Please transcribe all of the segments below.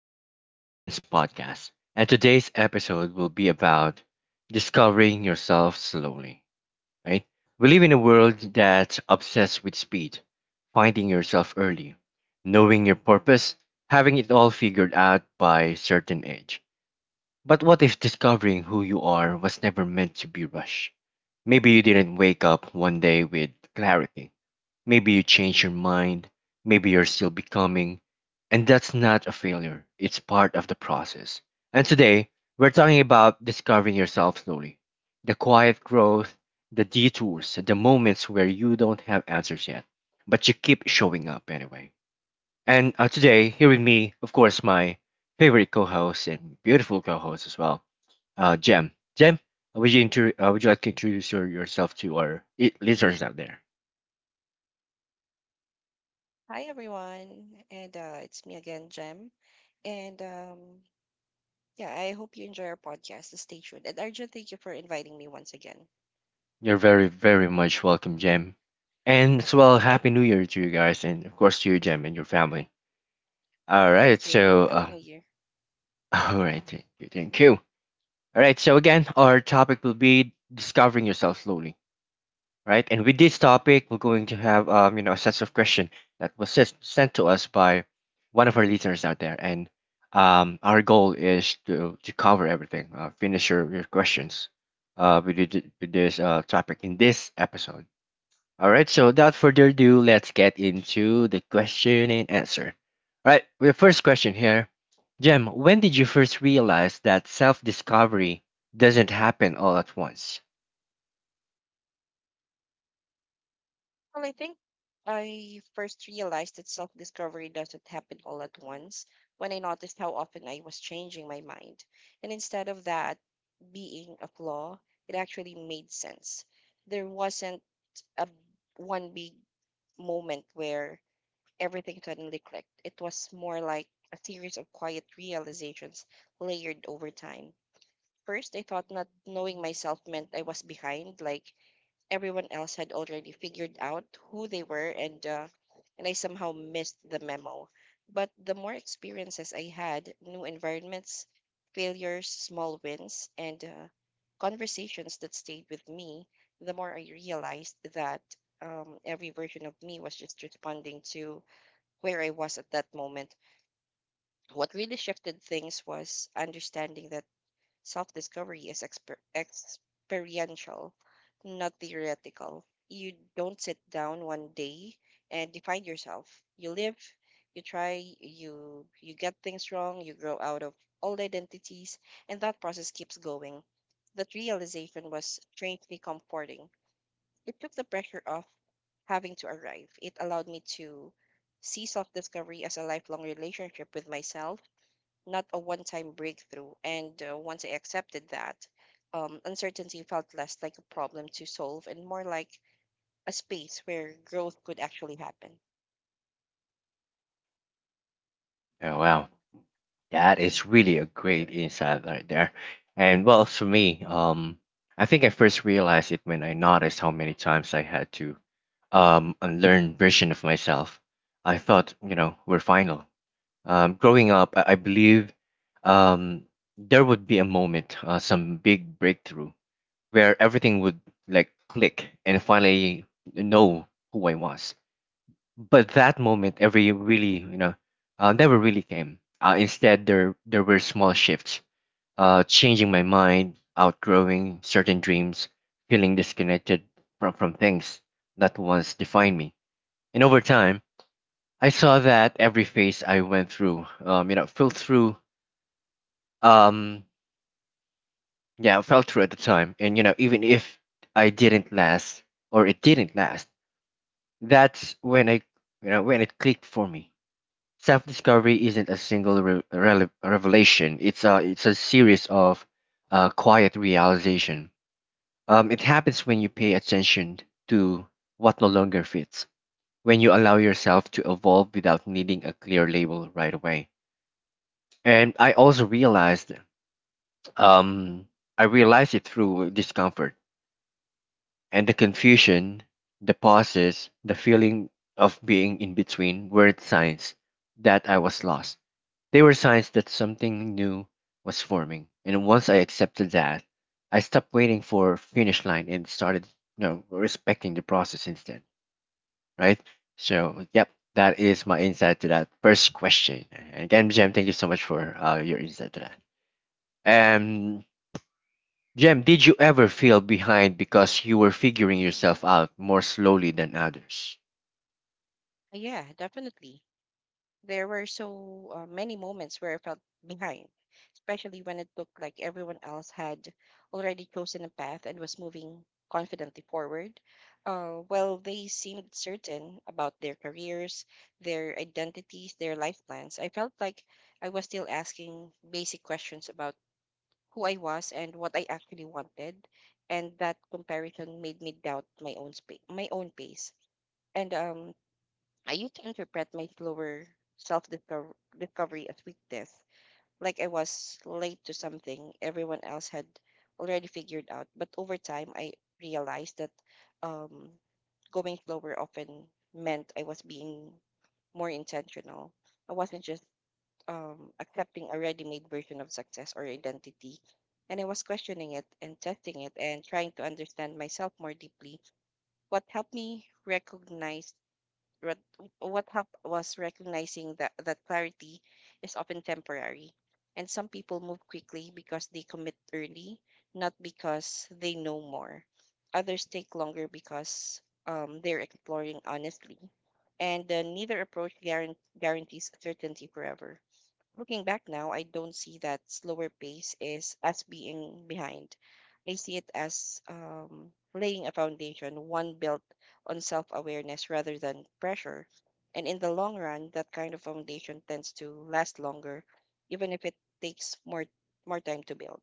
Welcome to Argent's podcast. And today's episode will be about discovering yourself slowly, right? We live in a world that's obsessed with speed, finding yourself early, knowing your purpose, having it all figured out by a certain age. But what if discovering who you are was never meant to be rushed? Maybe you didn't wake up one day with clarity. Maybe you change your mind, maybe you're still becoming, and that's not a failure. It's part of the process. And today, we're talking about discovering yourself slowly, the quiet growth, the detours, the moments where you don't have answers yet, but you keep showing up anyway. And today, here with me, of course, my favorite co host and beautiful co host as well, Jem. Jem, would you, would you like to introduce yourself to our listeners out there? Hi everyone, and it's me again, Jem. And yeah, I hope you enjoy our podcast. Stay tuned. And Arjun, thank you for inviting me once again. You're very, very much welcome, Jem. And as well, Happy New Year to you guys, and of course to you, Jem, and your family. All right, Thank you. Happy New Year. all right, thank you, thank you. All right, so again, our topic will be discovering yourself slowly, right? And with this topic, we're going to have, you know, a sets of question that was sent to us by one of our listeners out there, and our goal is to cover everything, finish your questions, with, with this topic in this episode. All right, so without further ado, let's get into the question and answer. All right, the first question here. Jem, when did you first realize that self discovery doesn't happen all at once? Well, I think I first realized that self discovery doesn't happen all at once when I noticed how often I was changing my mind. And instead of that being a flaw, it actually made sense. There wasn't a one big moment where everything suddenly clicked. It was more like a series of quiet realizations layered over time. First, I thought not knowing myself meant I was behind, like everyone else had already figured out who they were and I somehow missed the memo. But the more experiences I had, new environments, failures, small wins, and conversations that stayed with me, the more I realized that every version of me was just responding to where I was at that moment. What really shifted things was understanding that self discovery is experiential, not theoretical. You don't sit down one day and define yourself. You live, you try, you get things wrong, you grow out of old identities, and that process keeps going. That realization was strangely comforting. It took the pressure off having to arrive. It allowed me to see self discovery as a lifelong relationship with myself, not a one time breakthrough. And once I accepted that, uncertainty felt less like a problem to solve and more like a space where growth could actually happen. Oh, wow. That is really a great insight right there. And well, for me, I think I first realized it when I noticed how many times I had to unlearn version of myself I thought, you know, were final. Growing up, I believe um, there would be a moment, some big breakthrough where everything would like click and finally know who I was. But that moment, every really, you know, never really came. Instead, there were small shifts, changing my mind, outgrowing certain dreams, feeling disconnected from things that once defined me. And over time, I saw that every phase I went through, you know, filled through um yeah I felt through at the time, and you know, even if I didn't last or it didn't last, that's when I, you know, when it clicked for me. Self discovery isn't a single revelation. It's a series of quiet realization. It happens when you pay attention to what no longer fits, when you allow yourself to evolve without needing a clear label right away. And I also realized, um I realized it through discomfort. And the confusion, the pauses, the feeling of being in between weren't signs that I was lost. They were signs that something new was forming. And once I accepted that, I stopped waiting for finish line and started, you know, respecting the process instead. Right? So, yep, that is my insight to that first question. And again, Jem, thank you so much for your insight to that. Um, Jem, did you ever feel behind because you were figuring yourself out more slowly than others? Yeah, definitely. There were so many moments where I felt behind, especially when it looked like everyone else had already chosen a path and was moving confidently forward. While they seemed certain about their careers, their identities, their life plans. I felt like I was still asking basic questions about who I was and what I actually wanted, and that comparison made me doubt my own space, my own pace. And I used to interpret my slower self discovery as weakness, like I was late to something everyone else had already figured out. But over time, I realized that um, going slower often meant I was being more intentional. I wasn't just accepting a ready made version of success or identity. And I was questioning it and testing it and trying to understand myself more deeply. What helped me recognize what what helped was recognizing that that clarity is often temporary, and some people move quickly because they commit early, not because they know more. Others take longer because they're exploring honestly, and neither approach guarantees certainty forever. Looking back now, I don't see that slower pace is as being behind. I see it as laying a foundation, one built on self awareness rather than pressure. And in the long run, that kind of foundation tends to last longer, even if it takes more time to build.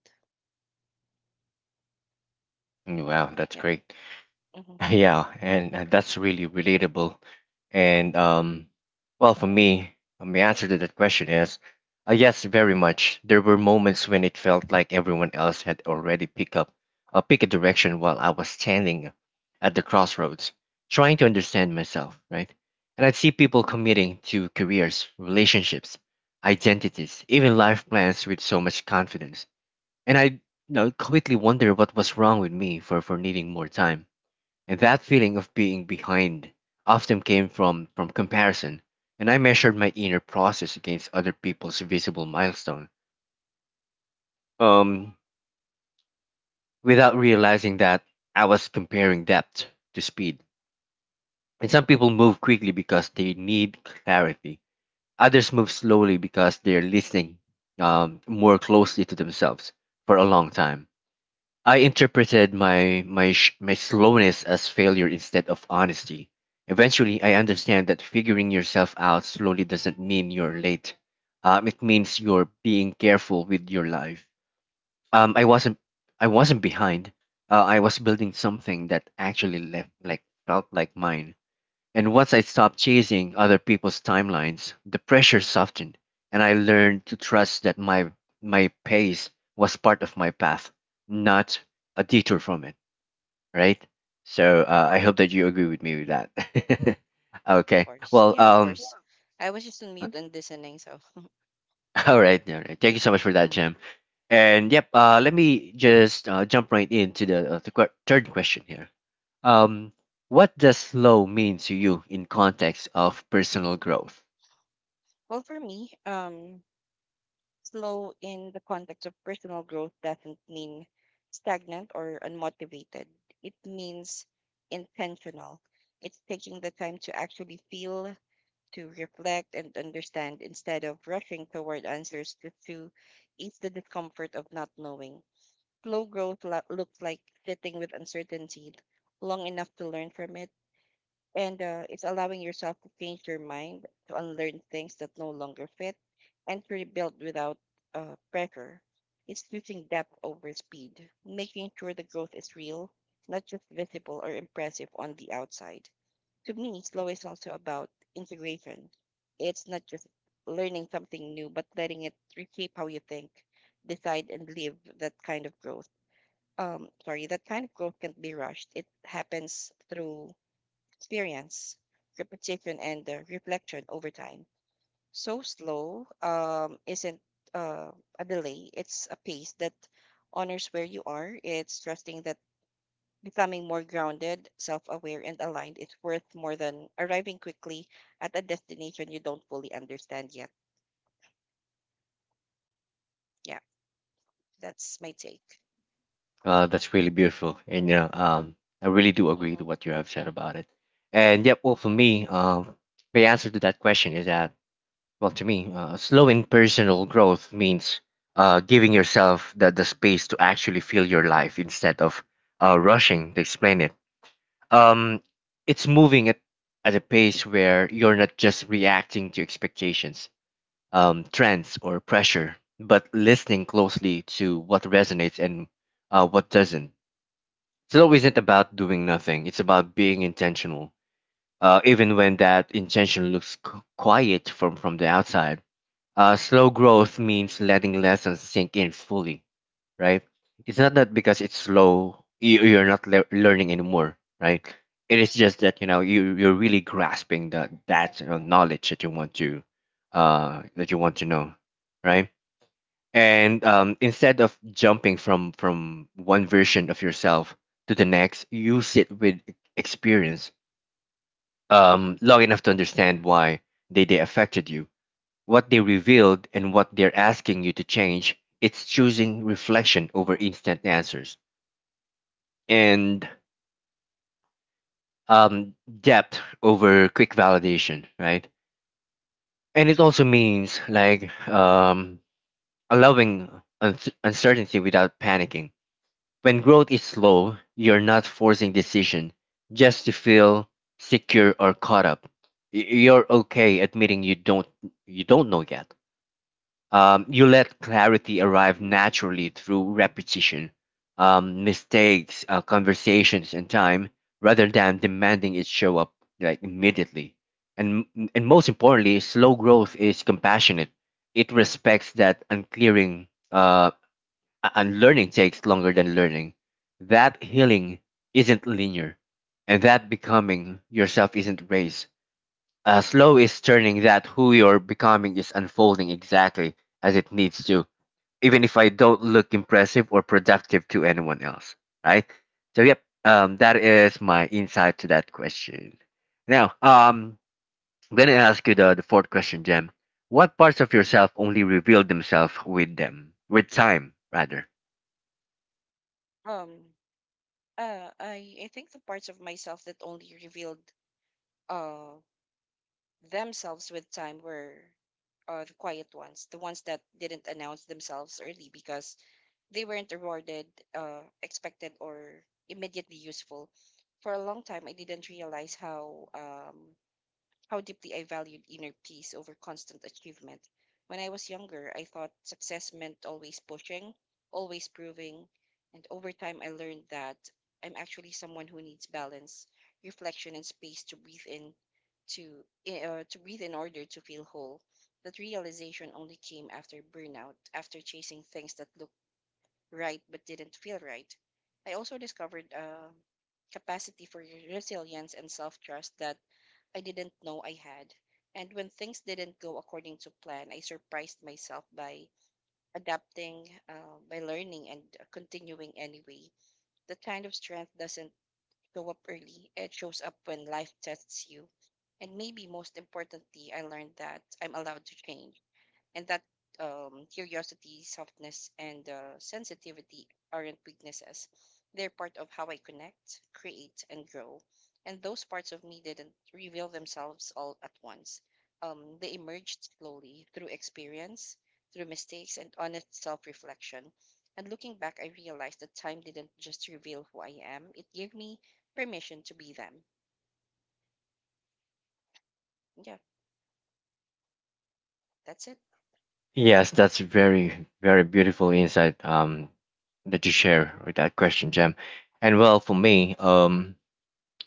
Mm. Wow, that's Yep. great. Hmm. Of Yeah, and that's really relatable. And well, for me, the answer to that question is yes, very much. There were moments when it felt like everyone else had already picked up, pick a direction while I was standing at the crossroads, trying to understand myself, right? And I'd see people committing to careers, relationships, identities, even life plans with so much confidence. And I, you know, quickly wonder what was wrong with me for needing more time. And that feeling of being behind often came from comparison, and I measured my inner process against other people's visible milestone, um, without realizing that I was comparing depth to speed. And some people move quickly because they need clarity. Others move slowly because they're listening more closely to themselves for a long time. I interpreted my slowness as failure instead of honesty. Eventually, I understand that figuring yourself out slowly doesn't mean you're late. It means you're being careful with your life. Um, I wasn't behind. I was building something that actually left like felt like mine. And once I stopped chasing other people's timelines, the pressure softened, and I learned to trust that my pace was part of my path, not a detour from it. Right. So I hope that you agree with me with that. Okay. course. Well. Yeah, of course. I was just on mute and listening, so. All right. All right. Thank you so much for that, Jim. Mhm. And yep. Let me just jump right into the third question here. Um. What does slow mean to you in context of personal growth? Well, for me, slow in the context of personal growth doesn't mean stagnant or unmotivated. It means intentional. It's taking the time to actually feel, to reflect, and understand instead of rushing toward answers just to ease the discomfort of not knowing. Slow growth looks like sitting with uncertainty long enough to learn from it, and it's allowing yourself to change your mind, to unlearn things that no longer fit, and to rebuild without pressure. It's choosing depth over speed, making sure the growth is real, not just visible or impressive on the outside. To me, slow is also about integration. It's not just learning something new, but letting it reshape how you think, decide, and live that kind of growth. Sorry, that kind of growth can't be rushed. It happens through experience, repetition, and reflection over time. So slow isn't uh, a delay, it's a pace that honors where you are. It's trusting that becoming more grounded, self aware, and aligned is worth more than arriving quickly at a destination you don't fully understand yet. Yeah, that's my take. That's really beautiful, and you know, I really do agree to Mm-hmm, what you have said about it. And yep, well, for me, the answer to that question is that, well, to me, slowing personal growth means giving yourself the space to actually feel your life instead of rushing to explain it. Um, it's moving at a pace where you're not just reacting to expectations, trends, or pressure, but listening closely to what resonates and what doesn't. Slow isn't about doing nothing. It's about being intentional. Even when that intention looks quiet from the outside, slow growth means letting lessons sink in fully, right? It's not that because it's slow, you're not learning anymore, right? It is just that you know you're really grasping that knowledge that you want to, that you want to know, right? And instead of jumping from one version of yourself to the next, you sit with experience long enough to understand why they affected you, what they revealed, and what they're asking you to change. It's choosing reflection over mm-hmm. instant answers and, um, depth over quick validation, right? And it also means like, allowing uncertainty without panicking. When growth is slow, you're not forcing decision just to feel secure or caught up. You're okay admitting you don't know yet. You let clarity arrive naturally through repetition, mistakes, conversations, and time, rather than demanding it show up like immediately. And and most importantly, slow growth is compassionate. It respects that unclearing uh, and learning takes longer than learning. That healing isn't linear, and that becoming yourself isn't race. Slow is turning that who you're becoming is unfolding exactly as it needs to, even if I don't look impressive or productive to anyone else, right? So, yep, that is my insight to that question. Now, I'm gonna ask you the fourth question, Jem. What parts of yourself only reveal themselves with them, with time, rather? Um, I think the parts of myself that only revealed themselves with time were the quiet ones, the ones that didn't announce themselves early because they weren't rewarded, expected, or immediately useful. For a long time, I didn't realize how deeply I valued inner peace over constant achievement. When I was younger, I thought success meant always pushing, always proving, and over time I learned that I'm actually someone who needs balance, reflection, and space to breathe in to I- to breathe in order to feel whole. That realization only came after burnout, after chasing things that looked right but didn't feel right. I also discovered a capacity for resilience and self-trust that I didn't know I had. And when things didn't go according to plan, I surprised myself by adapting, by learning, and continuing anyway. That kind of strength doesn't show up early, it shows up when life tests you. And maybe most importantly, I learned that I'm allowed to change and that curiosity, softness, and sensitivity aren't weaknesses. They're part of how I connect, create, and grow. And those parts of me didn't reveal themselves all at once. They emerged slowly through experience, through mistakes, and honest self reflection. And looking back, I realized that time didn't just reveal who I am, it gave me permission to be them. Yeah, that's it. Yes, that's very, very beautiful insight that you share Mm-mm. with that question, Jem. And well, for me,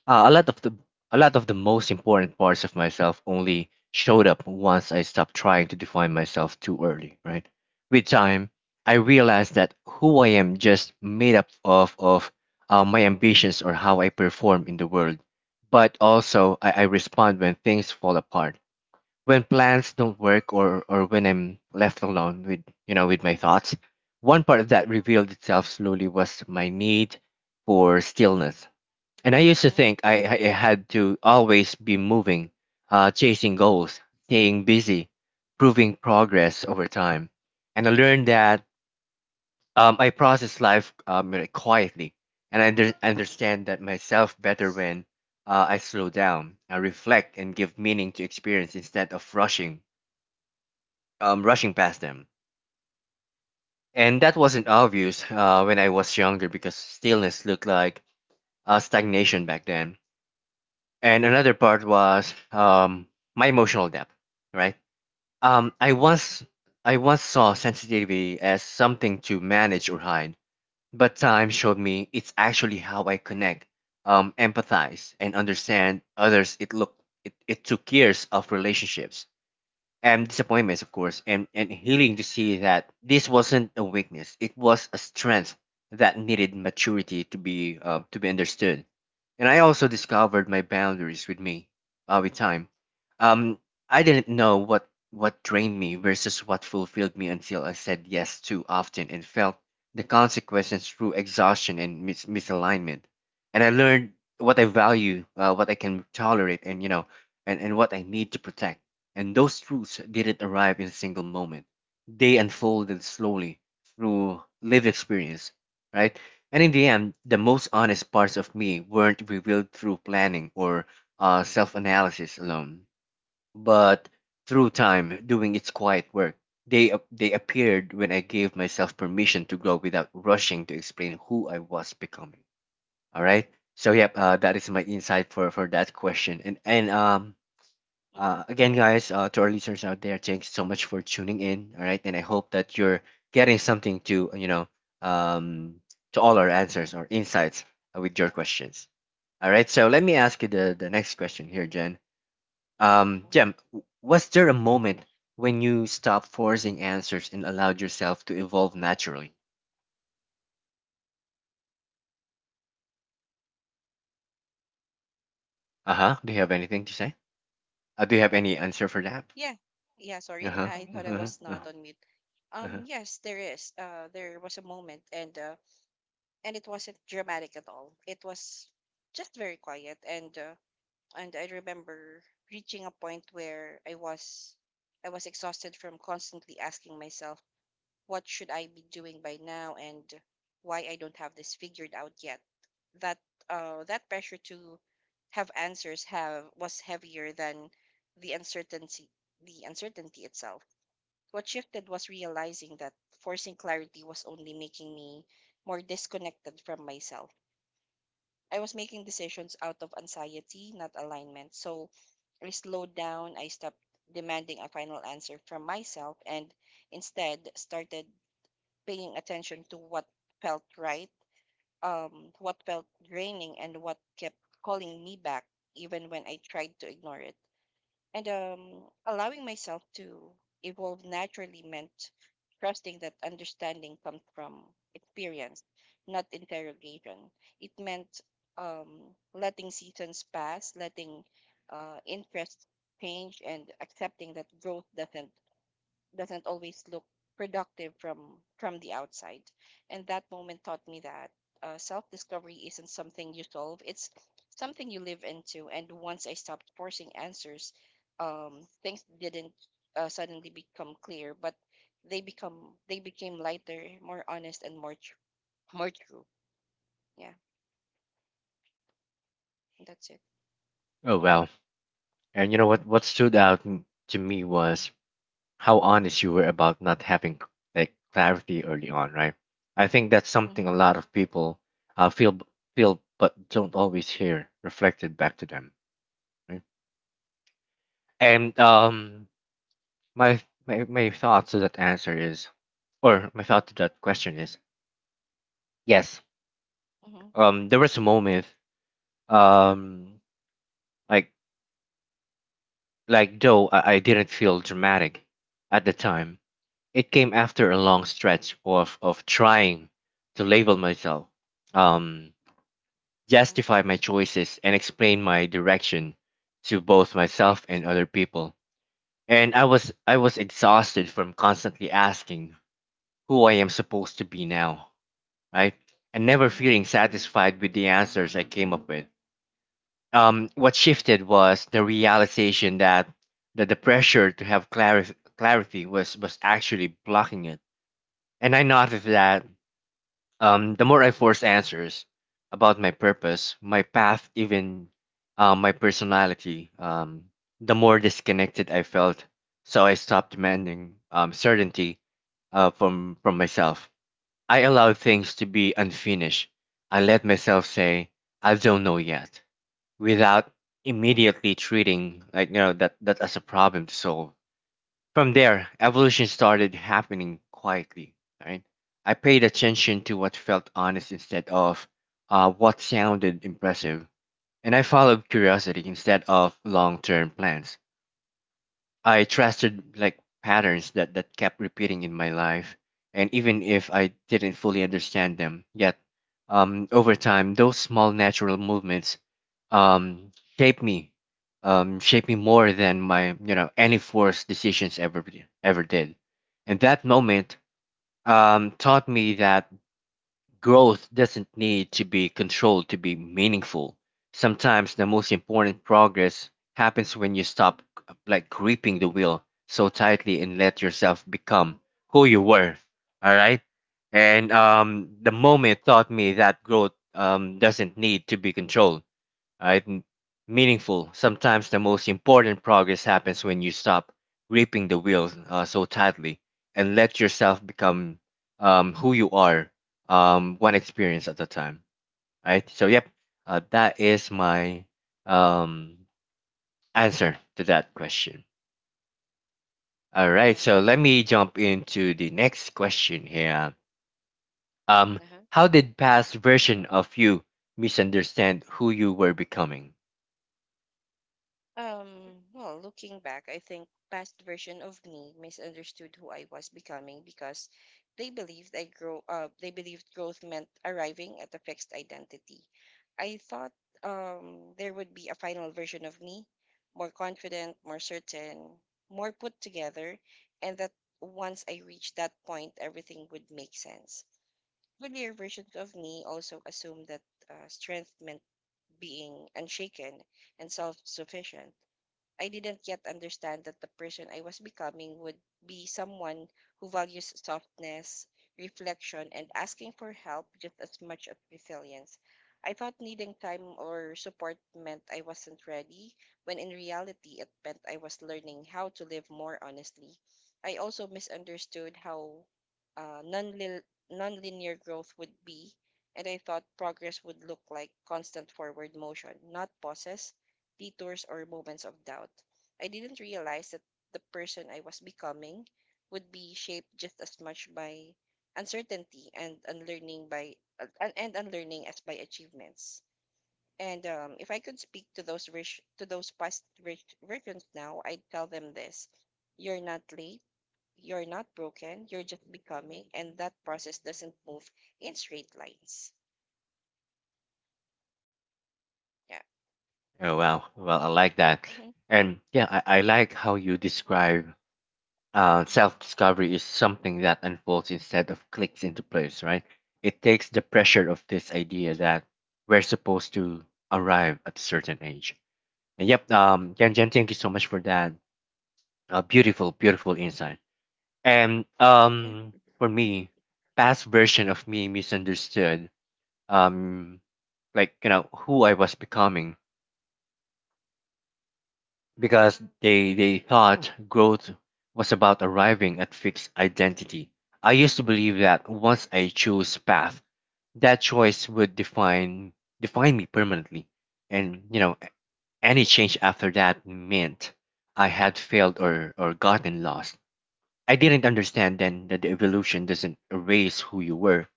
uh, a lot of the a lot of the most important parts of myself only showed up once I stopped trying to define myself too early, right? With time, I Mm-hmm. realized that who I am just made up of my ambitions or how I perform in the world, but also I respond when things fall apart, when plans don't work, or when I'm left alone with, you know, with my thoughts. One part of that revealed itself slowly was my need for stillness. And I used to Mm-hmm. think I had to always be moving, chasing goals, staying busy, proving progress over time. And I learned that I process life like, quietly, and I understand that myself better when I slow down, I reflect, and give meaning to experience instead of rushing rushing past them. And that wasn't obvious when I was younger because stillness looked like stagnation back then. And another part was my emotional depth, right? Hmm. Um, I once I once saw sensitivity as something to manage or hide, but time showed me it's actually how I connect, empathize, and understand others. It, it took years of relationships and disappointments, of course, and healing to see that this wasn't a weakness. It was a strength that needed maturity to be understood. And I also discovered my boundaries with me with time. Um, I didn't know what drained me versus what fulfilled me until I said yes too often and felt the consequences through exhaustion and misalignment. And I learned what I value, what I can tolerate, and and what I need to protect, and those truths didn't arrive in a single moment. They unfolded slowly through lived experience, right? And in the end, the most honest parts of me weren't revealed through planning or self analysis alone, but through time doing its quiet work. They appeared when I gave myself permission to grow without rushing to explain who I was becoming. All right. So yep, that is my insight for that question. And and um, Hmm. uh, again, guys, to our listeners out there, thanks so much for tuning in. All right, and I hope that you're getting something to um, to all our answers or insights with your questions. All right, so let me ask you the next question here, Jen. Hmm. Jen, was there a moment when you stopped forcing answers and allowed yourself to evolve naturally? Uh huh. Do you have anything to say? Do you have any answer for that? Yeah. Yeah, Uh sorry. huh. Uh I huh. thought I Uh-huh. was Uh-huh. not on mute. Uh-huh. Yes, there is. There was a moment, and it wasn't dramatic at all. It was just very quiet, and I remember reaching a point where I was exhausted from constantly asking myself what should I be doing by now and why I don't have this figured out yet. That that pressure to have answers have was heavier than the uncertainty the uncertainty itself. What shifted was realizing that forcing clarity was only making me more disconnected from myself. I was making decisions out of anxiety, not alignment. So I slowed down, I stopped demanding a final answer from myself and instead started paying attention to what felt right, what felt draining, and what kept calling me back, even when I tried to ignore it. And allowing myself to evolve naturally meant trusting that understanding comes from experience, not interrogation. It meant letting seasons pass, letting interests change, and accepting that growth doesn't always look productive from the outside. And that moment taught me that self-discovery isn't something you solve, it's something you live into. And once I stopped forcing answers, things didn't suddenly become clear, but they become they became lighter, more honest, and more true. Yeah, that's it. Oh well. And you know what? What stood out to me was how honest you were about not having like clarity early on, right? I think that's something Mm-hmm, a lot of people uh, feel feel but don't always hear reflected back to them, right? And my my thought to that answer is, or my thought to that question is, yes. mm-hmm, There was a moment, um, like like though I mm-hmm, didn't feel dramatic at the time. It came after a long stretch of trying to label myself, um, mm-hmm. justify my choices, and explain my direction to both myself Right. and other people. And I was exhausted from constantly asking who I am supposed to be now, right? And never Mm-hmm, feeling satisfied with the answers I came up with. What shifted was the realization that the pressure to have clarity was actually blocking it. And I noticed that the more I force answers about my purpose, my path, even my personality, the more disconnected I felt. So I stopped demanding certainty from myself. I allowed things to be unfinished. I let myself say, "I don't know yet," without immediately treating that as a problem to solve. From there, evolution started happening quietly, right? I paid attention to what felt honest instead of what sounded impressive, and I followed curiosity instead of long term plans. I trusted like patterns that kept repeating in my life. And even if I didn't fully understand them yet, over time, those small natural movements um, shaped me, shaped me more than any forced decisions ever, ever did. And that moment taught me that growth doesn't need to be controlled to be meaningful. Sometimes the most important progress happens when you stop like gripping the wheel so tightly and let yourself become who you were. All right? And the moment taught me that growth doesn't need to be controlled, right? Meaningful. Sometimes the most important progress happens when you stop gripping the wheel so tightly and let yourself become who you are, one experience at a time, right? So, yep, that is my um, answer to that question. All right, mm-hmm. so let me jump into the next question here. Um, Uh-huh. how did past version of you misunderstand who you were becoming? Well, looking back, I think past version of me misunderstood who I was becoming because they believed growth meant arriving at a fixed identity. I thought there would be a final version of me, more confident, more certain, more put together, and that once I reached that point, everything would make sense. Earlier versions of me also assumed that strength meant being unshaken and self-sufficient. I didn't yet understand that the person I was becoming would be someone who values softness, reflection, and asking for help just as much as resilience. I thought needing time or support meant I wasn't ready, when in reality, it meant I was learning how to live more honestly. I also misunderstood how uh, non nonlinear growth would be, and I thought progress would look like constant forward motion, not pauses, detours, or moments of doubt. I didn't realize that the person I was becoming would be shaped just as much by uncertainty and unlearning as by achievements. And if I could speak to to those past rich versions now, I'd tell them this: you're not late, you're not broken, you're just becoming, and that process doesn't move in straight lines. Yeah. Oh, wow, well, I like that. Hmm. And yeah, I like how you describe self-discovery is something that unfolds instead of clicks into place, right? It takes the pressure of this idea that we're supposed to arrive at a certain age. And yep, Tianjin, thank you so much for that. Beautiful, beautiful insight. And Yeah. For me, past version of me misunderstood, um, who I was becoming because they thought growth was about arriving at fixed identity. I used to believe that once I chose path, that choice would define me permanently. And you know, any change after that meant I had failed or gotten lost. I didn't understand then that the evolution doesn't erase who you were.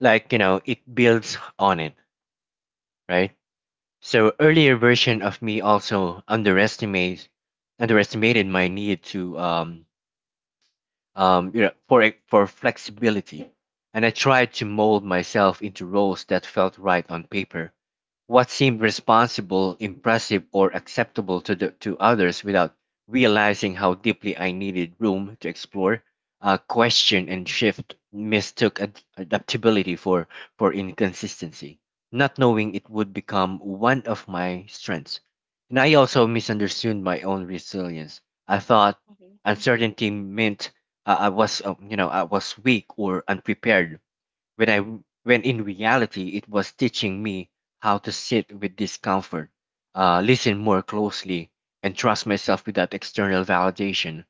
Like, you know, it builds on it, right? So earlier version of me also underestimated my need to for for flexibility, and I tried to mold myself into roles that felt right on paper. What seemed responsible, impressive, or acceptable to, the, to others without realizing how deeply I needed room to explore, question, and shift mistook adaptability for inconsistency, not knowing it would become one of my strengths. And I also misunderstood my own resilience. I thought Hmm. uncertainty meant I was, I was weak or unprepared when when in reality it was teaching me how to sit with discomfort, listen more closely, and trust myself without external validation.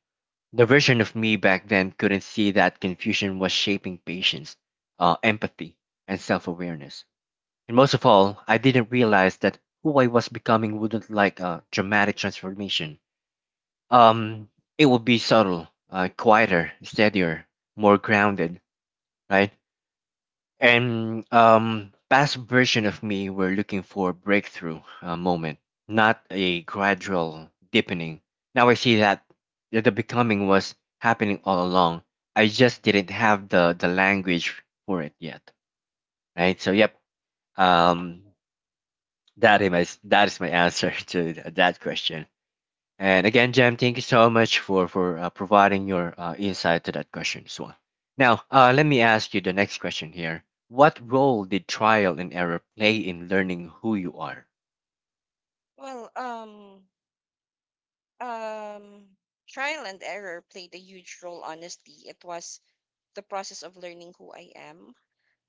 The version of me back then couldn't see that confusion was shaping patience, empathy, and self-awareness. And most of all, I didn't realize that who I was becoming wouldn't like a dramatic transformation. Um, it would be subtle, quieter, steadier, more grounded, right? And past version of me were looking for a breakthrough moment, not a gradual deepening. Now I see that the becoming was happening all along. I just didn't have the language for it yet, right? So yep, um, that is my answer to that question. And again, Jam, thank you so much for providing your insight to that question as well. Now, let me ask you the next question here. What role did trial and error play in learning who you are? Well, um, Um, trial and error played a huge role, honestly. It was the process of learning who I am.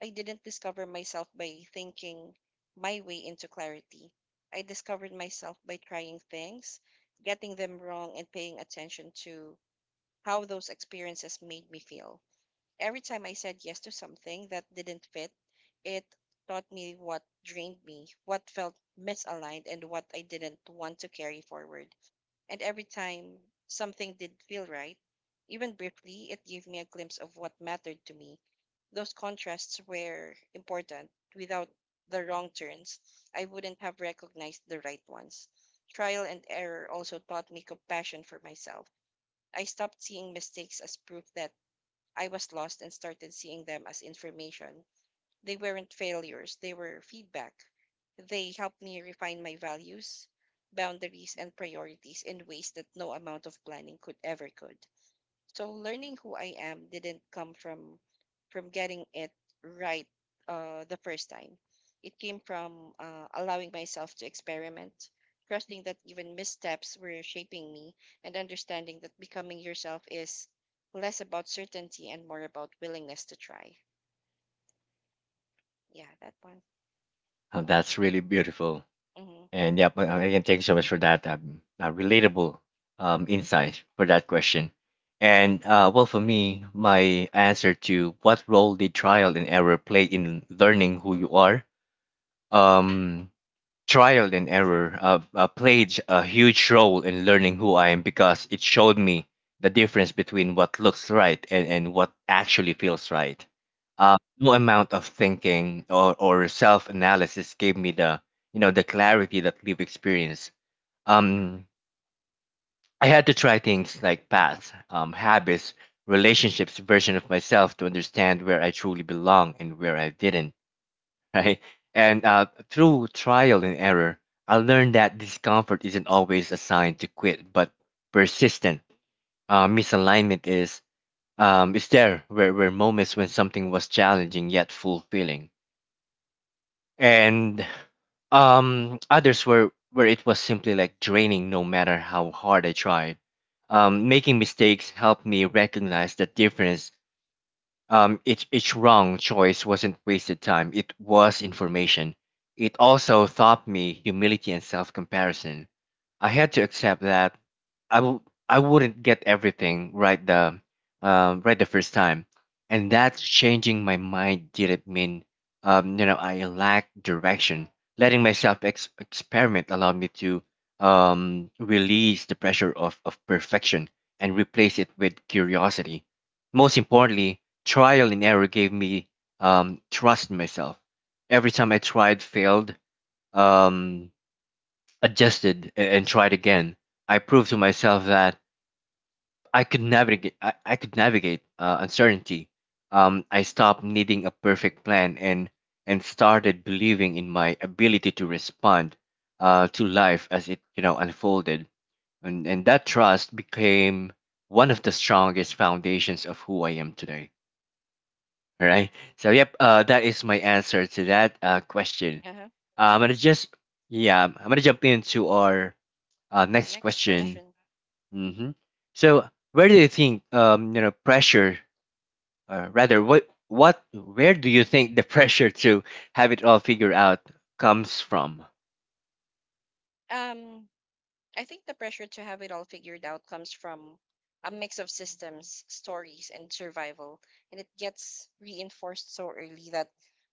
I didn't discover myself by thinking my way into clarity. I discovered myself by trying things, getting them wrong, and paying attention to how those experiences made me feel. Every time I said yes to something that didn't fit, it taught me what drained me, what felt misaligned, and what I didn't want to carry forward. And every time something did feel right, even briefly, it gave me a glimpse of what mattered to me. Those contrasts were important. Without the wrong turns, I wouldn't have recognized the right ones. Trial and error also taught me compassion for myself. I stopped seeing mistakes as proof that I was lost and started seeing them as information. They weren't failures, they were feedback. They helped me refine my values, boundaries, and priorities in ways that no amount of planning could ever could. So learning who I am didn't come from getting it right the first time. It came from allowing myself to experiment, trusting that even missteps were shaping me, and understanding that becoming yourself is less about certainty and more about willingness to try. Yeah, that one. Oh, that's really beautiful. Mhm. And yeah, but, again, thank you so much for that relatable insight for that question. And well, for me, my answer to what role did trial and error play in learning who you are? Um, Trial and error played a huge role in learning who I am because it showed me the difference between what looks right and what actually feels right. No amount of thinking or self analysis gave me the the clarity that lived experience. Um, I had to try things like paths, habits, relationships, version of myself to understand where I truly belong and where I didn't, right? And through trial and error, I learned that discomfort isn't always a sign to quit, but persistent misalignment is. Um, is there where moments when something was challenging yet fulfilling, and others were where it was simply like draining no matter how hard I tried. Making mistakes helped me recognize the difference. Um, each wrong choice wasn't wasted time, it was information. It also taught me humility and self comparison. I had to accept that I will I wouldn't get everything right the first time, and that changing my mind didn't mean I lacked direction. Letting myself experiment allowed me to release the pressure of perfection and replace it with curiosity. Most importantly, trial and error gave me trust in myself. Every time I tried, failed, um, adjusted, and tried again, I proved to myself that I could navigate. I could navigate uncertainty. I stopped needing a perfect plan and started believing in my ability to respond to life as it unfolded. And that trust became one of the strongest foundations of who I am today. All right. So yep, that is my answer to that question. Uh-huh. I'm gonna just yeah, I'm gonna jump into our next Next question. question. Hmm. So where do you think pressure, or rather what where do you think the pressure to have it all figured out comes from? Um, I think the pressure to have it all figured out comes from a mix of systems, stories, and survival, and it gets reinforced so early that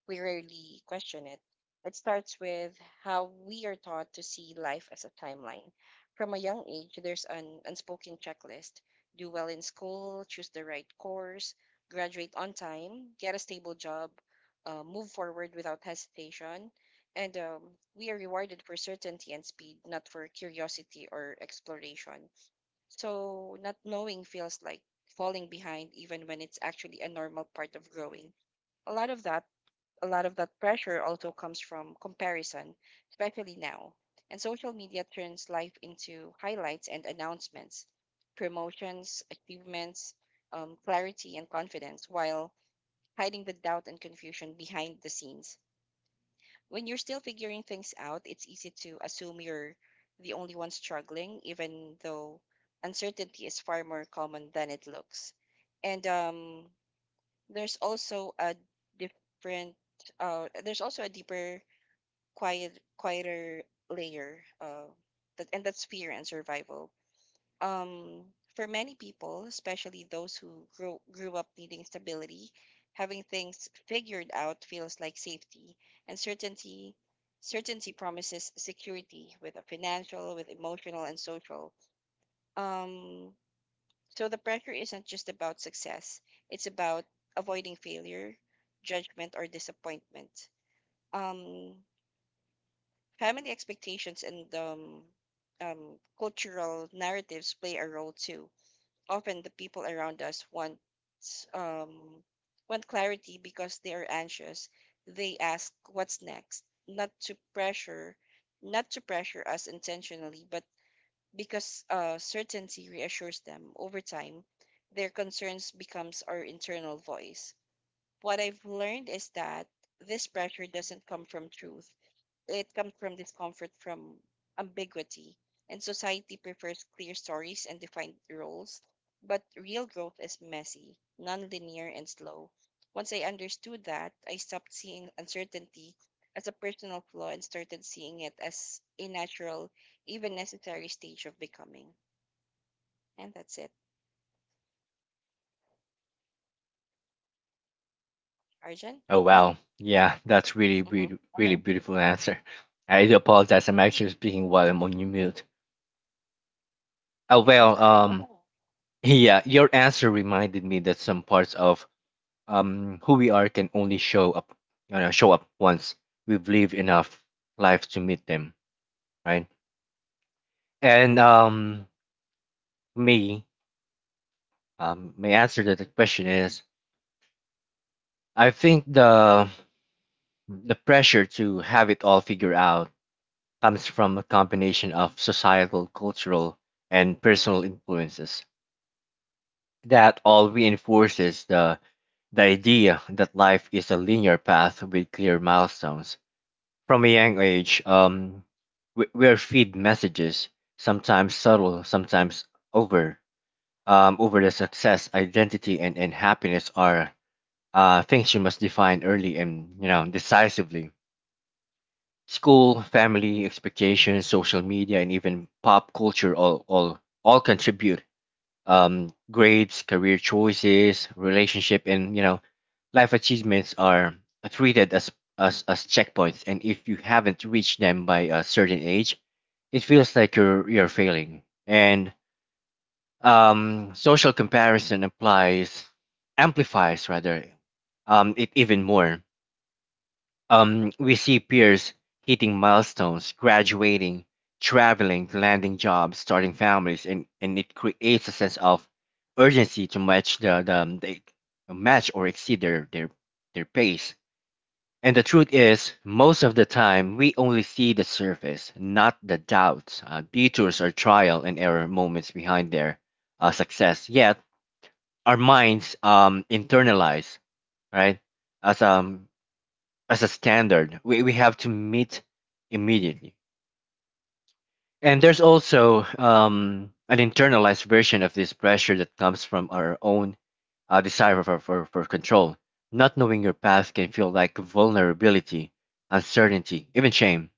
we rarely question it. It starts with how we are taught to see life as a timeline. From a young age, there's an unspoken checklist: do well in school, choose the right course, graduate on time, get a stable job, move forward without hesitation. And we are rewarded for certainty and speed, not for curiosity or exploration. So, not knowing feels like falling behind, even when it's actually a normal part of growing. A lot of that, a lot of that pressure also comes from comparison, especially now. And social media turns life into highlights and announcements, promotions, achievements, clarity, and confidence, while hiding the doubt and confusion behind the scenes. When you're still figuring things out, it's easy to assume you're the only one struggling, even though uncertainty is far more common than it looks. And there's also different, there's also a deeper, quieter layer, and that's fear and survival. um, for many people, especially those who grew up needing stability, having things figured out feels like safety, and certainty promises security with a financial, with emotional and social. Um, so the pressure isn't just about success; it's about avoiding failure, judgment, or disappointment. Um, family expectations and cultural narratives play a role too. Often the people around us um want clarity because they are anxious. They ask what's next, not to pressure, not to pressure us intentionally, but because certainty reassures them. Over time, their concerns becomes our internal voice. What I've learned is that this pressure doesn't come from truth. It comes from discomfort from ambiguity, and society prefers clear stories and defined roles. But real growth is messy, nonlinear, and slow. Once I understood that, I stopped seeing uncertainty as a personal flaw and started seeing it as a natural, even necessary stage of becoming. And that's it. Arjun? Oh wow, yeah, that's really Mm-hmm. really really beautiful answer. I do apologize. I'm actually speaking while I'm on mute. Oh Yeah, that's well, all right. Yeah, your answer reminded me that some parts of who we are can only show up, show up once we've lived enough life to meet them, right? And me, my answer to the question is, I think the pressure to have it all figured out comes from a combination of societal, cultural, and personal influences that all reinforces the idea that life is a linear path with clear milestones. From a young age, we're feed messages, sometimes subtle, sometimes over, over the success, identity, and happiness are things you must define early and decisively. School, family, expectations, social media, and even pop culture all contribute. Grades, career choices, relationship, and life achievements are treated as checkpoints, and if you haven't reached them by a certain age, it feels like you're failing. And social comparison amplifies rather, it even more. We see peers hitting milestones, graduating, traveling, landing jobs, starting families, and it creates a sense of urgency to match the, the match or exceed their pace. And the truth is, most of the time, we only see the surface, not the doubts, detours, or trial and error moments behind their success. Yet, our minds internalize, right, as, um, as a standard we have to meet immediately. And there's also an internalized version of this pressure that comes from our own desire for control. Not knowing your path can feel like vulnerability, uncertainty, even shame.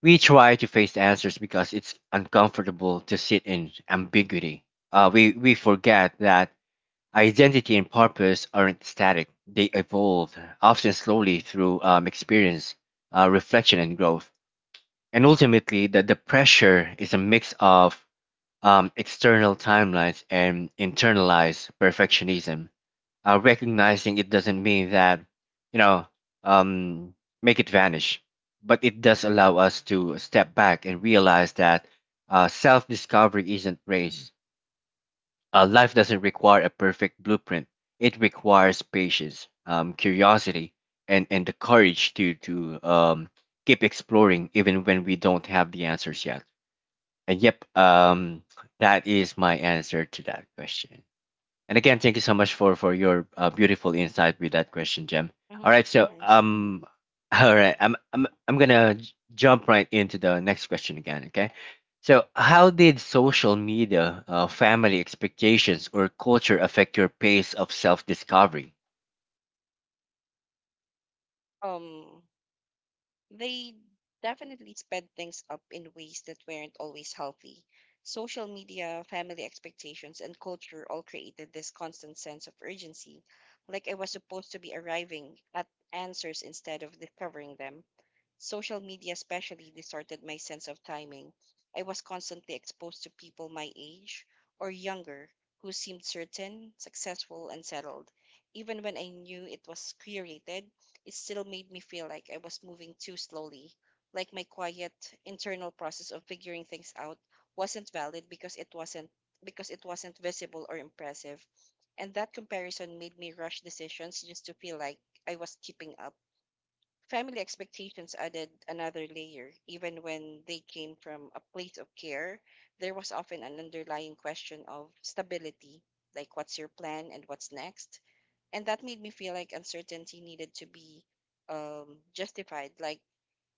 We try to face the answers because it's uncomfortable to sit in ambiguity. We forget that identity and purpose aren't static, they evolve, often slowly through experience, reflection, and growth. And ultimately, the pressure is a mix of external timelines and internalized perfectionism. Recognizing it doesn't mean that you know um, make it vanish, but it does allow us to step back and realize that self-discovery isn't race. Life doesn't require a perfect blueprint. It requires patience, curiosity, and the courage to keep exploring even when we don't have the answers yet. And yep That is my answer to that question. And again, thank you so much for your beautiful insight with that question, Jem. All Mm-hmm. right, so Nice. All right, I'm gonna jump right into the next question again. Okay, so how did social media, family expectations, or culture affect your pace of self discovery? Um, They definitely sped things up in ways that weren't always healthy. Social media, family expectations, and culture all created this constant sense of urgency, like I was supposed to be arriving at answers instead of discovering them. Social media especially distorted my sense of timing. I was constantly exposed to people my age or younger who seemed certain, successful, and settled. Even when I knew it was curated, it still made me feel like I was moving too slowly, like my quiet internal process of figuring things out wasn't valid because it wasn't visible or impressive. And that comparison made me rush decisions just to feel like I was keeping up. Family expectations added another layer. Even when they came from a place of care, there was often an underlying question of stability, like what's your plan and what's next? And that made me feel like uncertainty needed to be justified. Like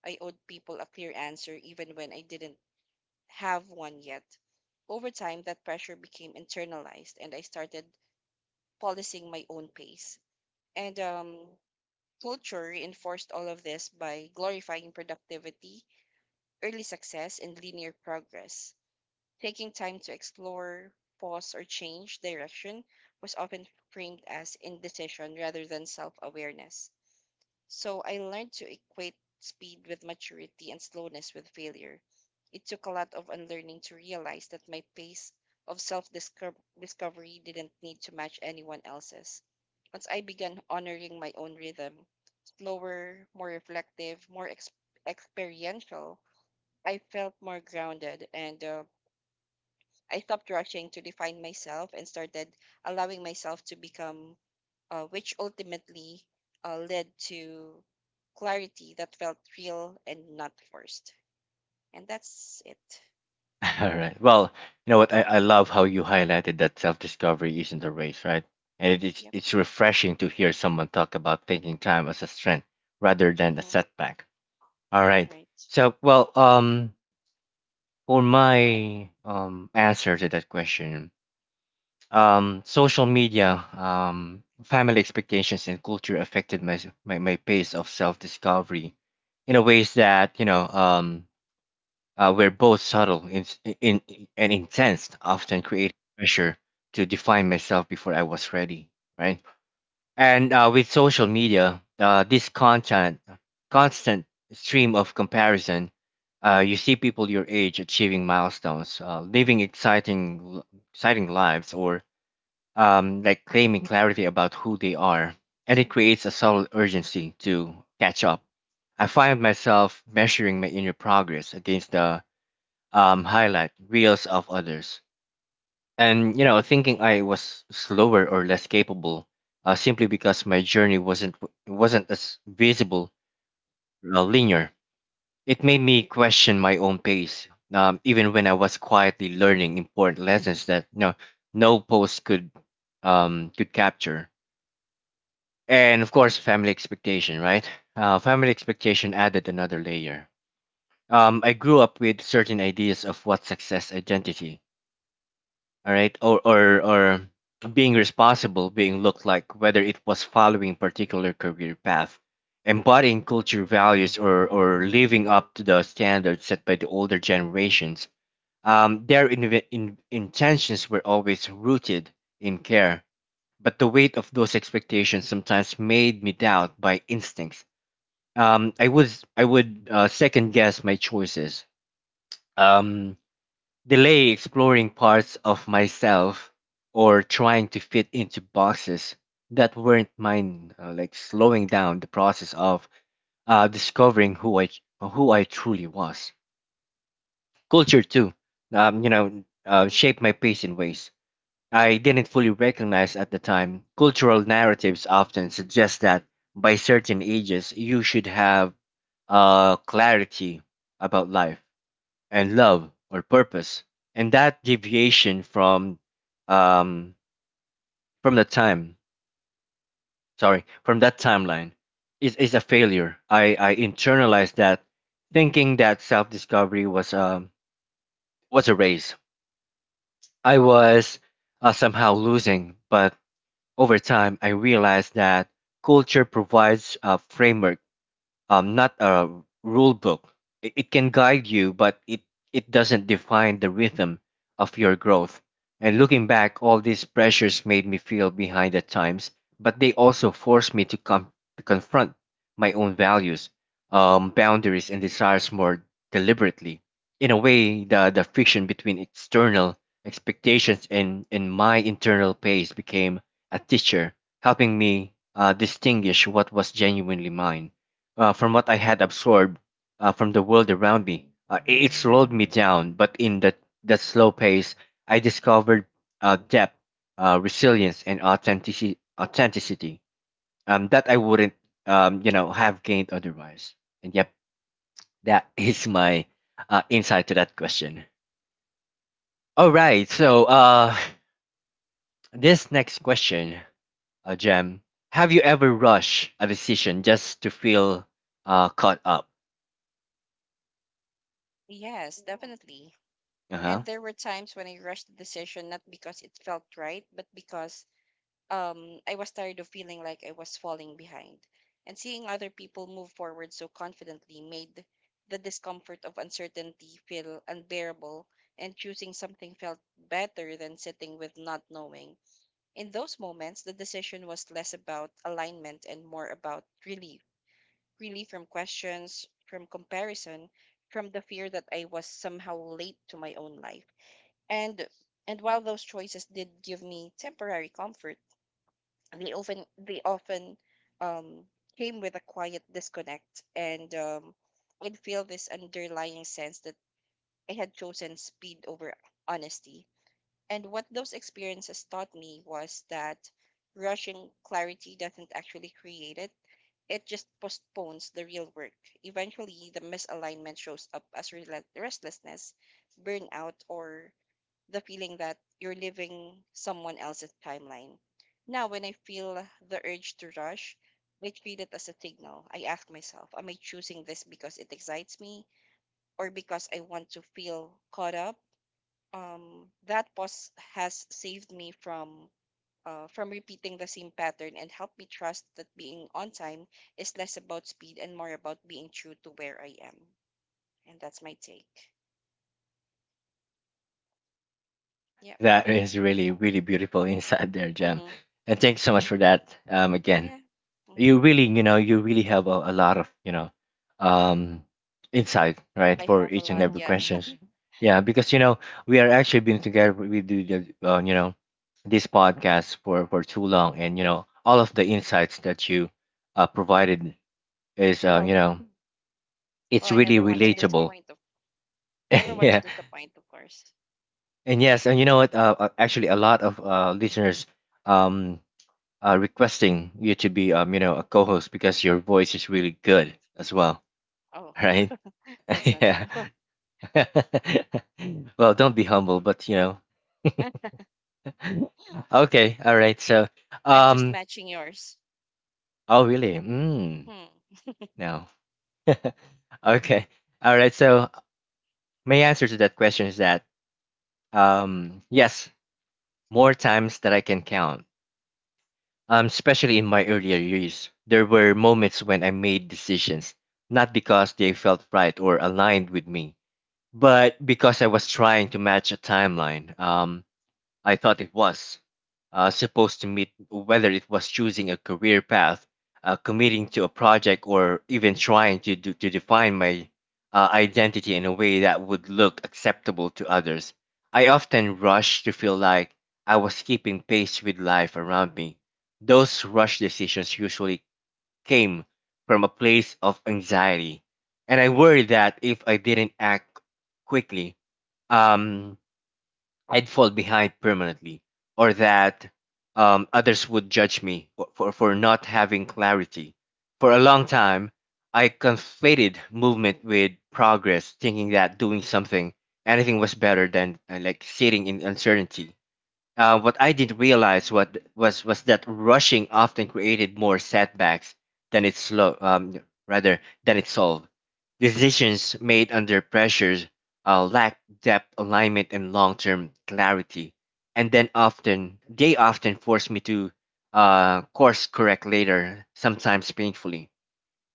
I owed people a clear answer even when I didn't have one yet. Over time, that pressure became internalized, and I started policing my own pace. And culture reinforced all of this by glorifying productivity, early success, and linear progress. Taking time to explore, pause, or change direction was often framed as indecision rather than self awareness. So I learned to equate speed with maturity and slowness with failure. It took a lot of unlearning to realize that my pace of self discovery didn't need to match anyone else's. Once I began honoring my own rhythm, slower, more reflective, experiential, I felt more grounded, and I stopped rushing to define myself and started allowing myself to become, which ultimately led to clarity that felt real and not forced. And that's it. All right. Well, you know what? I Hmm. love how you highlighted that self discovery isn't a race, right? And it's Yep. it's refreshing to hear someone talk about taking time as a strength rather than a Hmm. setback. All right. Right. So, well, for my answer to that question, social media, family expectations and culture affected my my pace of self discovery in a ways that were both subtle in, and intense, often creating pressure to define myself before I was ready. Right. And with social media, this content, constant stream of comparison, you see people your age achieving milestones, living exciting lives, or like claiming clarity about who they are, and it creates a subtle urgency to catch up. I find myself measuring my inner progress against the highlight reels of others and, you know, thinking I was slower or less capable simply because my journey wasn't as visible or linear. It made me question my own pace, even when I was quietly learning important lessons that no post could capture. And of course, family expectation, right? Family expectation added another layer. I grew up with certain ideas of what success, identity, all right or being responsible being looked like, whether it was following particular career path, embodying culture values, or living up to the standards set by the older generations. Their intentions were always rooted in care, but the weight of those expectations sometimes made me doubt by instincts. um i would I would second guess my choices, um delay exploring parts of myself, or trying to fit into boxes that weren't mine, like slowing down the process of discovering who I truly was. Culture too, shaped my pace in ways I didn't fully recognize at the time. Cultural narratives often suggest that by certain ages you should have clarity about life and love or purpose, and that deviation um from the time sorry from that timeline is a failure. I internalized that, thinking that self-discovery was a race I was somehow losing. But over time I realized that culture provides a framework, not a rule book. It can guide you, but it doesn't define the rhythm of your growth. And looking back, all these pressures made me feel behind at times, but they also forced me to to confront my own values, boundaries, and desires more deliberately. In a way, the friction between external expectations and my internal pace became a teacher, helping me distinguish what was genuinely mine from what I had absorbed from the world around me. It slowed me down, but in that slow pace, I discovered depth, resilience, and authenticity that I wouldn't, you know, have gained otherwise. And yep, that is my insight to that question. All right, so this next question, Jem, have you ever rushed a decision just to feel caught up? Yes, definitely. Uh huh. And there were times when I rushed the decision not because it felt right, but because I was tired of feeling like I was falling behind. And seeing other people move forward so confidently made the discomfort of uncertainty feel unbearable, and choosing something felt better than sitting with not knowing. In those moments, the decision was less about alignment and more about relief. Relief from questions, from comparison, from the fear that I was somehow late to my own life. And while those choices did give me temporary comfort, they often um, came with a quiet disconnect, and I'd feel this underlying sense that I had chosen speed over honesty. And what those experiences taught me was that rushing clarity doesn't actually create it, it just postpones the real work. Eventually, the misalignment shows up as restlessness, burnout, or the feeling that you're living someone else's timeline. Now, when I feel the urge to rush, I treat it as a signal. I ask myself, am I choosing this because it excites me or because I want to feel caught up? That pause has saved me from repeating the same pattern and helped me trust that being on time is less about speed and more about being true to where I am. And that's my take. Yeah. That is really, really beautiful inside there, Jem. Mm-hmm. And thanks so much for that. Again, Yeah. Mm-hmm. you really, you know, you really have a lot of, you know, um, insight, right, I for have a each and lot. every Yeah. questions. Mhm. Yeah, because you know we are actually been together. We do you know, this podcast for too long, and you know, all of the insights that you provided is, you well, know, well, it's I really never want to relatable. disappoint. Never want to Yeah, disappoint, of course. and yes, and you know what? Actually, a lot of listeners um requesting you to be you know a co-host because your voice is really good as well, Oh, right? that's not Yeah. true. Well, don't be humble, but you know. Okay, all right. So, I'm just um, matching yours. oh really? Hmm. No. Okay, all right. So my answer to that question is that yes, more times that I can count. Especially in my earlier years, there were moments when I made decisions not because they felt right or aligned with me, but because I was trying to match a timeline. I thought it was supposed to meet, whether it was choosing a career path, committing to a project, or even trying to to define my identity in a way that would look acceptable to others. I often rush to feel like I was keeping pace with life around me. Those rush decisions usually came from a place of anxiety, and I worried that if I didn't act quickly, um, I'd fall behind permanently, or that others would judge me for not having clarity. For a long time, I conflated movement with progress, thinking that doing something, anything was better than like sitting in uncertainty. What I didn't realize what was that rushing often created more setbacks than it slow rather than it solved. Decisions made under pressure lack depth, alignment, and long-term clarity, and then often they often force me to course correct later, sometimes painfully.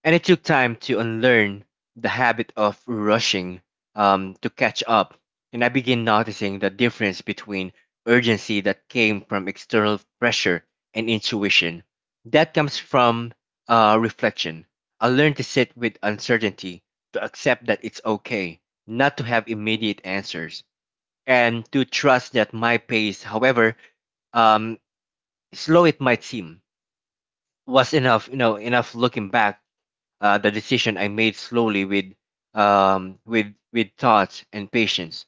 And it took time to unlearn the habit of rushing, to catch up. And I began noticing the difference between urgency that came from external pressure and intuition that comes from reflection. I learned to sit with uncertainty, to accept that it's okay not to have immediate answers, and to trust that my pace, however um, slow it might seem, was enough. You know, enough. Looking back, the decision I made slowly with um with with thoughts and patience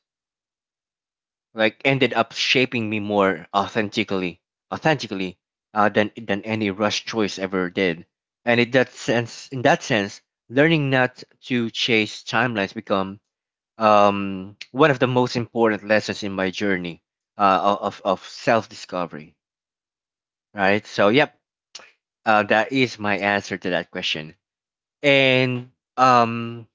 like ended up shaping me more authentically than any rush choice ever did. And in that sense, learning not to chase timelines become one of the most important lessons in my journey of self discovery, right? So yep, that is my answer to that question. And um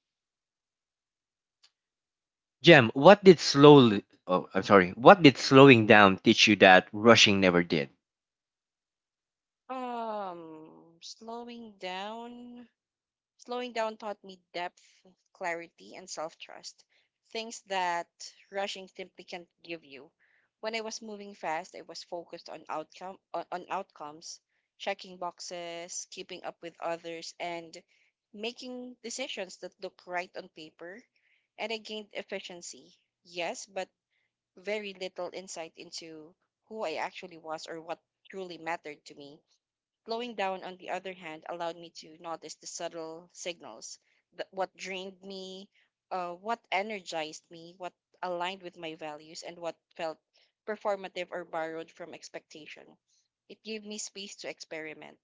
Jem, what did Mm-hmm. slowly oh I'm sorry, what did slowing down teach you that rushing never did? Um, slowing down. Slowing down taught me depth, clarity, and self trust, things that rushing simply can't give you. When I was moving fast, I was focused on outcome on outcomes, checking boxes, keeping up with others, and making decisions that look right on paper. And I gained efficiency, yes, but very little insight into who I actually was or what truly mattered to me. Slowing down, on the other hand, allowed me to notice the subtle signals that what drained me, what energized me, what aligned with my values, and what felt performative or borrowed from expectation. It gave me space to experiment,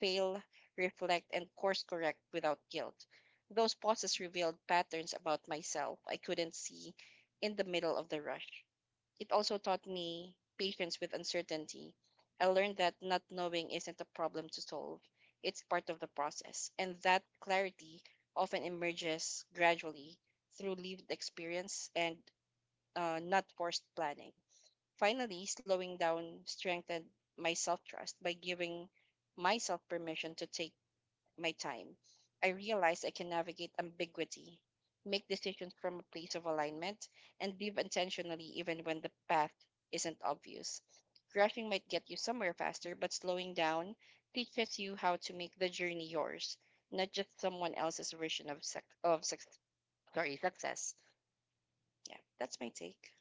fail, reflect, and course correct without guilt. Those pauses revealed patterns about myself I couldn't see in the middle of the rush. It also taught me patience with uncertainty. I learned that not knowing isn't a problem to solve, it's part of the process. And that clarity often emerges gradually through lived experience and not forced planning. Finally, slowing down strengthened my self trust by giving myself permission to take my time. I realize I can navigate ambiguity, make decisions from a place of alignment, and live intentionally even when the path isn't obvious. Rushing might get you somewhere faster, but slowing down teaches you how to make the journey yours, not just someone else's version of success. Yeah, that's my take.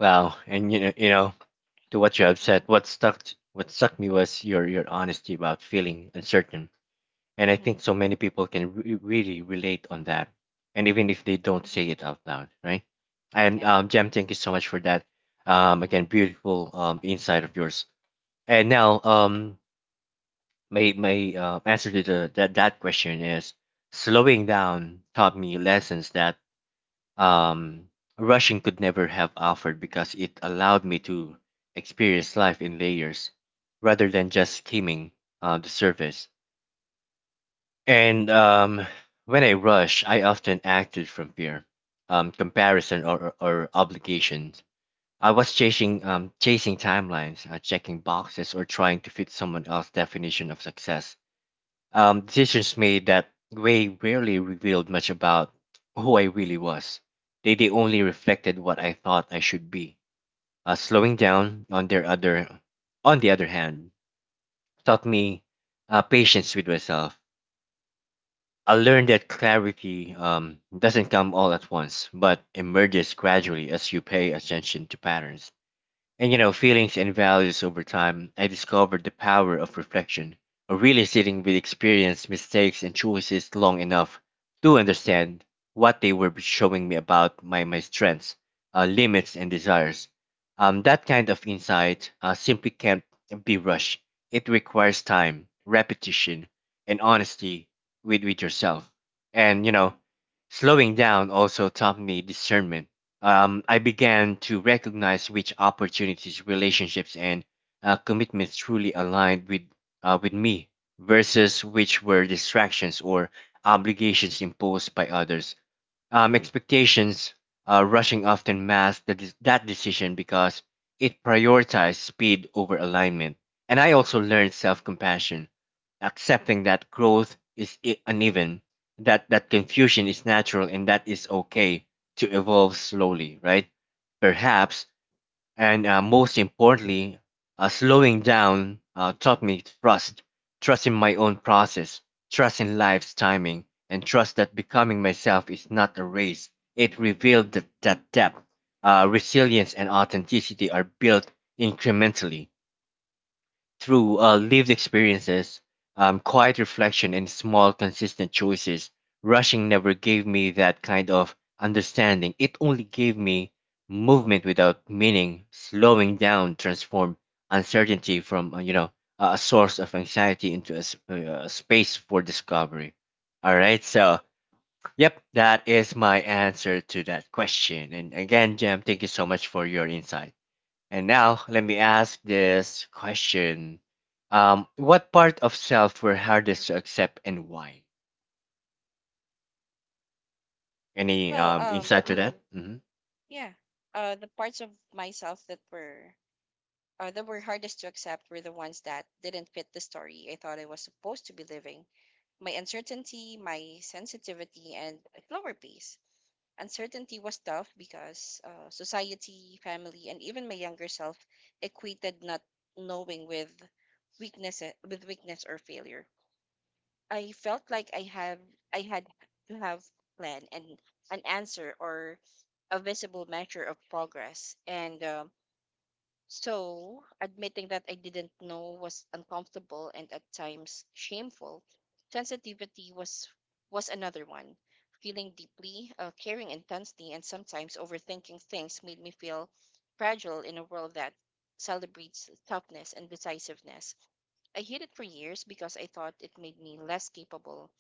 Wow, and you know, to what you have said, Mhm, what stuck me was your honesty about feeling uncertain. And I mhm, think so many people can really relate on that. And even if they don't mhm. say it out loud, right? And Yeah. Jem, thank you so much for that. Mhm, Again, beautiful insight of yours. And now my answer to that question is slowing down taught me lessons that mhm. um, rushing could never have offered because it allowed me to experience life in layers rather than just skimming the surface. And when I rush, I often acted from fear, comparison, or obligations. I was chasing chasing timelines, checking boxes, or trying to fit someone else's definition of success. Decisions made that way rarely revealed much about who I really was. They only reflected what I thought I should be. Slowing down on the other hand, taught me patience with myself. I learned that clarity doesn't come all at once, but emerges gradually as you pay attention to patterns and feelings and values. Over time I discovered the power of reflection, of really sitting with experience, mistakes, and choices long enough to understand what they were showing me about my strengths, limits, and desires. That kind of insight simply can't be rushed. It requires time, repetition, and honesty with yourself. And slowing down also taught me discernment. I began to recognize which opportunities, relationships, and commitments truly aligned with me versus which were distractions or obligations imposed by others. Expectations. Rushing often masks that decision because it prioritizes speed over alignment. And I also learned self compassion, accepting that growth is uneven, that confusion is natural, and that is okay to evolve slowly, right? Perhaps and most importantly, slowing down taught me trust, trust in my own process, trust in life's timing, and trust that becoming myself is not a race. It revealed that depth, resilience, and authenticity are built incrementally, through lived experiences, quiet reflection, and small, consistent choices. Rushing never gave me that kind of understanding. It only gave me movement without meaning. Slowing down transformed uncertainty from, a source of anxiety into a, a space for discovery. All right, so yep, that is my answer to that question. And again, Jam, thank you so much for your insight. And now, let me ask this question. What part of self were hardest to accept and why? Any Well, insight to that? Hmm. yeah. The parts of myself that were hardest to accept were the ones that didn't fit the story I thought I was supposed to be living. My uncertainty, my sensitivity, and a slower pace. Uncertainty was tough because society, family, and even my younger self equated not knowing with weakness or failure. I felt like I had to have a plan and an answer or a visible measure of progress. And so, admitting that I didn't know was uncomfortable and at times shameful. Sensitivity was another one. Feeling deeply, caring intensely, and sometimes overthinking things made me feel fragile in a world that celebrates toughness and decisiveness. I hid it for years because I thought it made me less capable,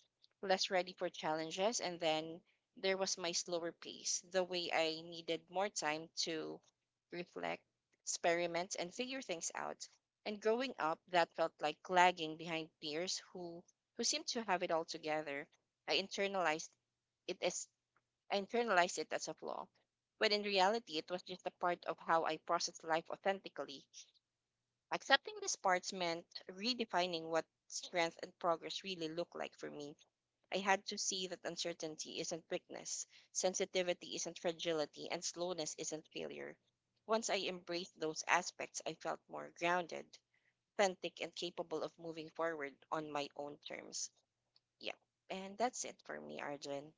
less ready for challenges. And then there was my slower pace, the way I needed more time to reflect, experiment, and figure things out. And growing up, that felt like lagging behind peers who seemed to have it all together. I internalized it as I internalized it as a flaw, but in reality, it was just a part of how I processed life authentically. Accepting these parts meant redefining what strength and progress really look like for me. I had to see that uncertainty isn't weakness, sensitivity isn't fragility, and slowness isn't failure. Once I embraced those aspects, I felt more grounded, authentic, and capable of moving forward on my own terms. Yeah. And that's it for me, Arjun.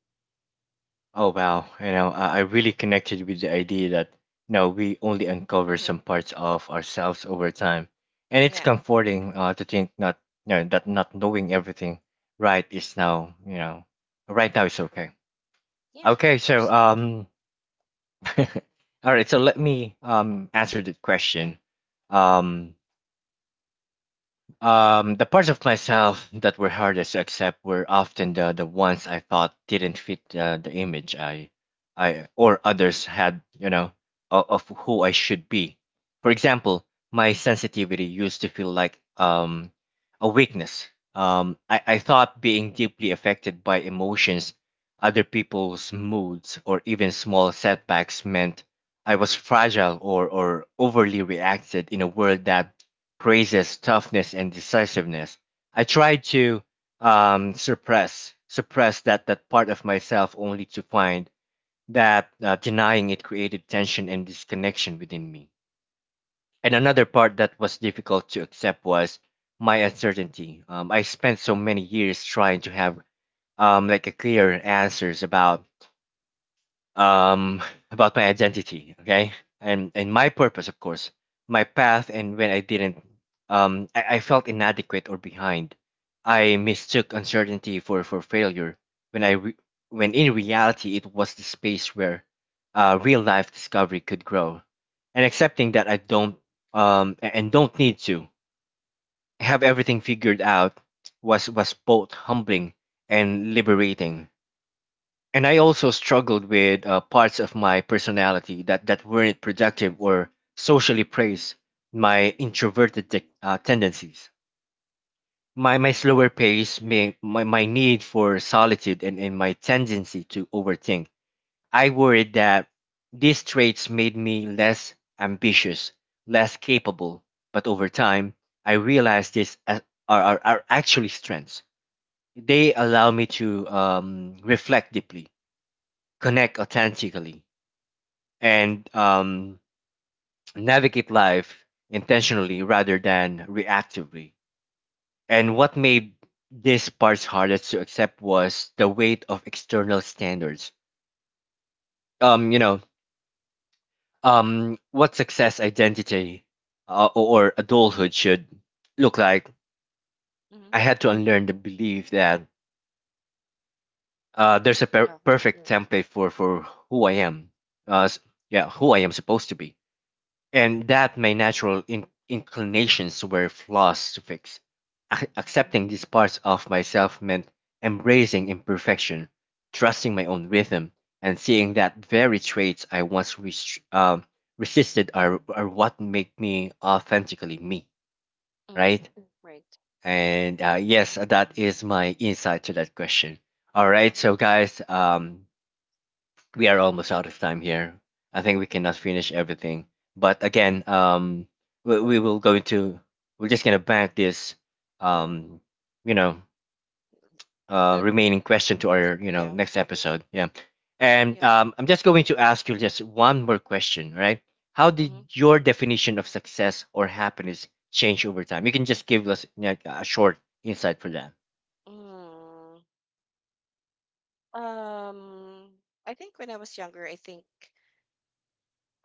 Oh, wow. You know, I really connected with the idea that, you know, we only uncover Mm-hmm. some parts of ourselves over time. And it's Yeah. comforting to think not, you know, that not knowing everything right is now, you know, right now is okay. Yeah, of Okay, so, course. All right, so let me answer that question. Um, the parts of myself that were hardest to accept were often the ones I thought didn't fit the image I or others had, you know, of who I should be. For example, my sensitivity used to feel like a weakness. I thought being deeply affected by emotions, other people's moods, or even small setbacks meant I was fragile or overly reacted in a world that praises toughness and decisiveness. I tried to suppress that part of myself, only to find that denying it created tension and disconnection within me. And another part that was difficult to accept was my uncertainty. I spent so many years trying to have like a clear answers um, about my identity, okay, and my purpose, of course, my path, and when I didn't, I felt inadequate or behind. I mistook uncertainty for failure when I re- when in reality it was the space where real life discovery could grow. And accepting that I don't and don't need to have everything figured out was both humbling and liberating. And I also struggled with parts of my personality that weren't productive or socially praised. My introverted tendencies, my slower pace, my my need for solitude, and my tendency to overthink. I worried that these traits made me less ambitious, less capable. But over time, I realized are actually strengths. They allow me to reflect deeply, connect authentically and navigate life intentionally rather than reactively. And what made this part hardest to accept was the weight of external standards. You know, what success identity or adulthood should look like. Mm-hmm. I had to unlearn the belief that there's a Oh, perfect template for who I am. Uh, s- yeah, who I am supposed to be and that my natural inclinations were flaws to fix. Mm-hmm. Mm-hmm. Accepting these parts of myself meant embracing imperfection, trusting my own rhythm, and seeing that very traits I once resisted are what make me authentically me, Mm-hmm. right? Right. And yes, that is my insight to that question. All right, so guys, we are almost out of time here. I think Yeah. we cannot finish everything. But Yeah. again, we will go into we're just gonna bank this, Well, um, you know, that, it- remaining question to our you know yeah. next episode. Yeah, and Yeah. I'm just going to ask you just one more question, right? How did Mhm. your definition of success or happiness change over time? You can just give us like, a short insight for that. Mm. Um, I think when I was younger, I think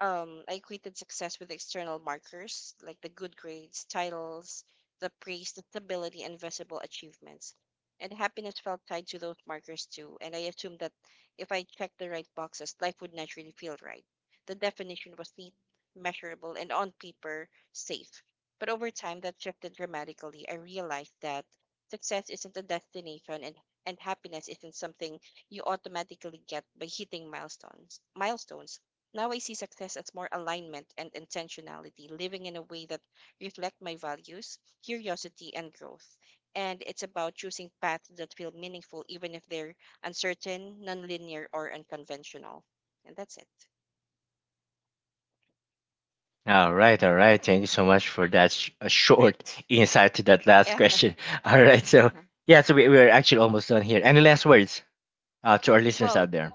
I equated success with external markers like the good grades, titles, the praise, the stability, and visible achievements. And happiness felt tied to those markers too. And I assumed that if I checked the right boxes, life would naturally feel right. The definition was neat, measurable, and on paper, safe. But over time, that shifted dramatically. I realized that success isn't a destination and happiness isn't something you automatically get by hitting milestones. Milestones. Now I see success as more alignment and intentionality, living in a way that reflect my values, curiosity, and growth. And it's about choosing paths that feel meaningful, even if they're uncertain, nonlinear, or unconventional. And that's it. All right, all right. Thank you so much for that a short Right. insight to that last Yeah. question. All right, so Uh-huh. yeah, so we, we're actually almost done here. Any last words to our listeners Well, out there?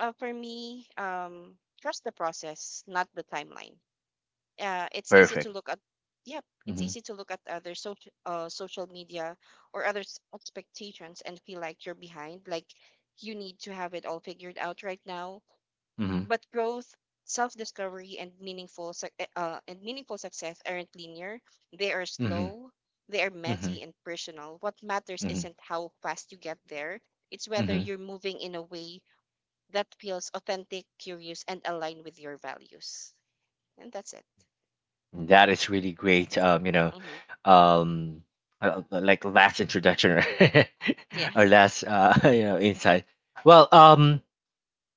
for me, trust the process, not the timeline. uh, it's easy to Perfect. look at yep it's Mm-hmm, easy to look at other social social media or others expectations and feel like you're behind, like you need to have it all figured out right now, mm-hmm, but growth, self-discovery and meaningful success aren't linear. They are mm-hmm, slow, they are mm-hmm, messy and personal. What matters mm-hmm, isn't how fast you get there, it's whether mm-hmm. you're moving in a way that feels authentic, curious and aligned with your values. And that's it. That is really great. You know, Hmm. um, like last introduction or, Yeah. or last you know insight. Well, um,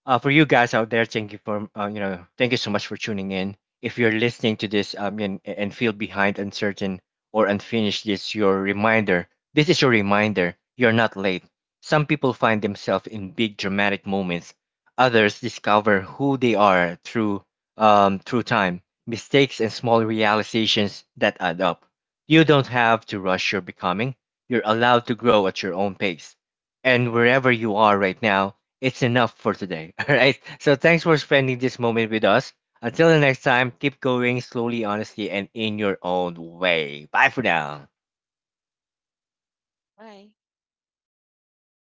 uh, for you guys out there, thank you for you know thank you so much for tuning in. If you're listening to this and feel behind, uncertain, or unfinished, this your reminder. This is your reminder. You're not late. Some people find themselves in big dramatic moments. Others discover who they are through through time, mistakes, and small realizations that add up. You don't have to rush your becoming. You're allowed to grow at your own pace. And wherever you are right now, it's enough for today. All right. So thanks for spending this moment with us. Until the next time, keep going slowly, honestly, and in your own way. Bye for now. Bye.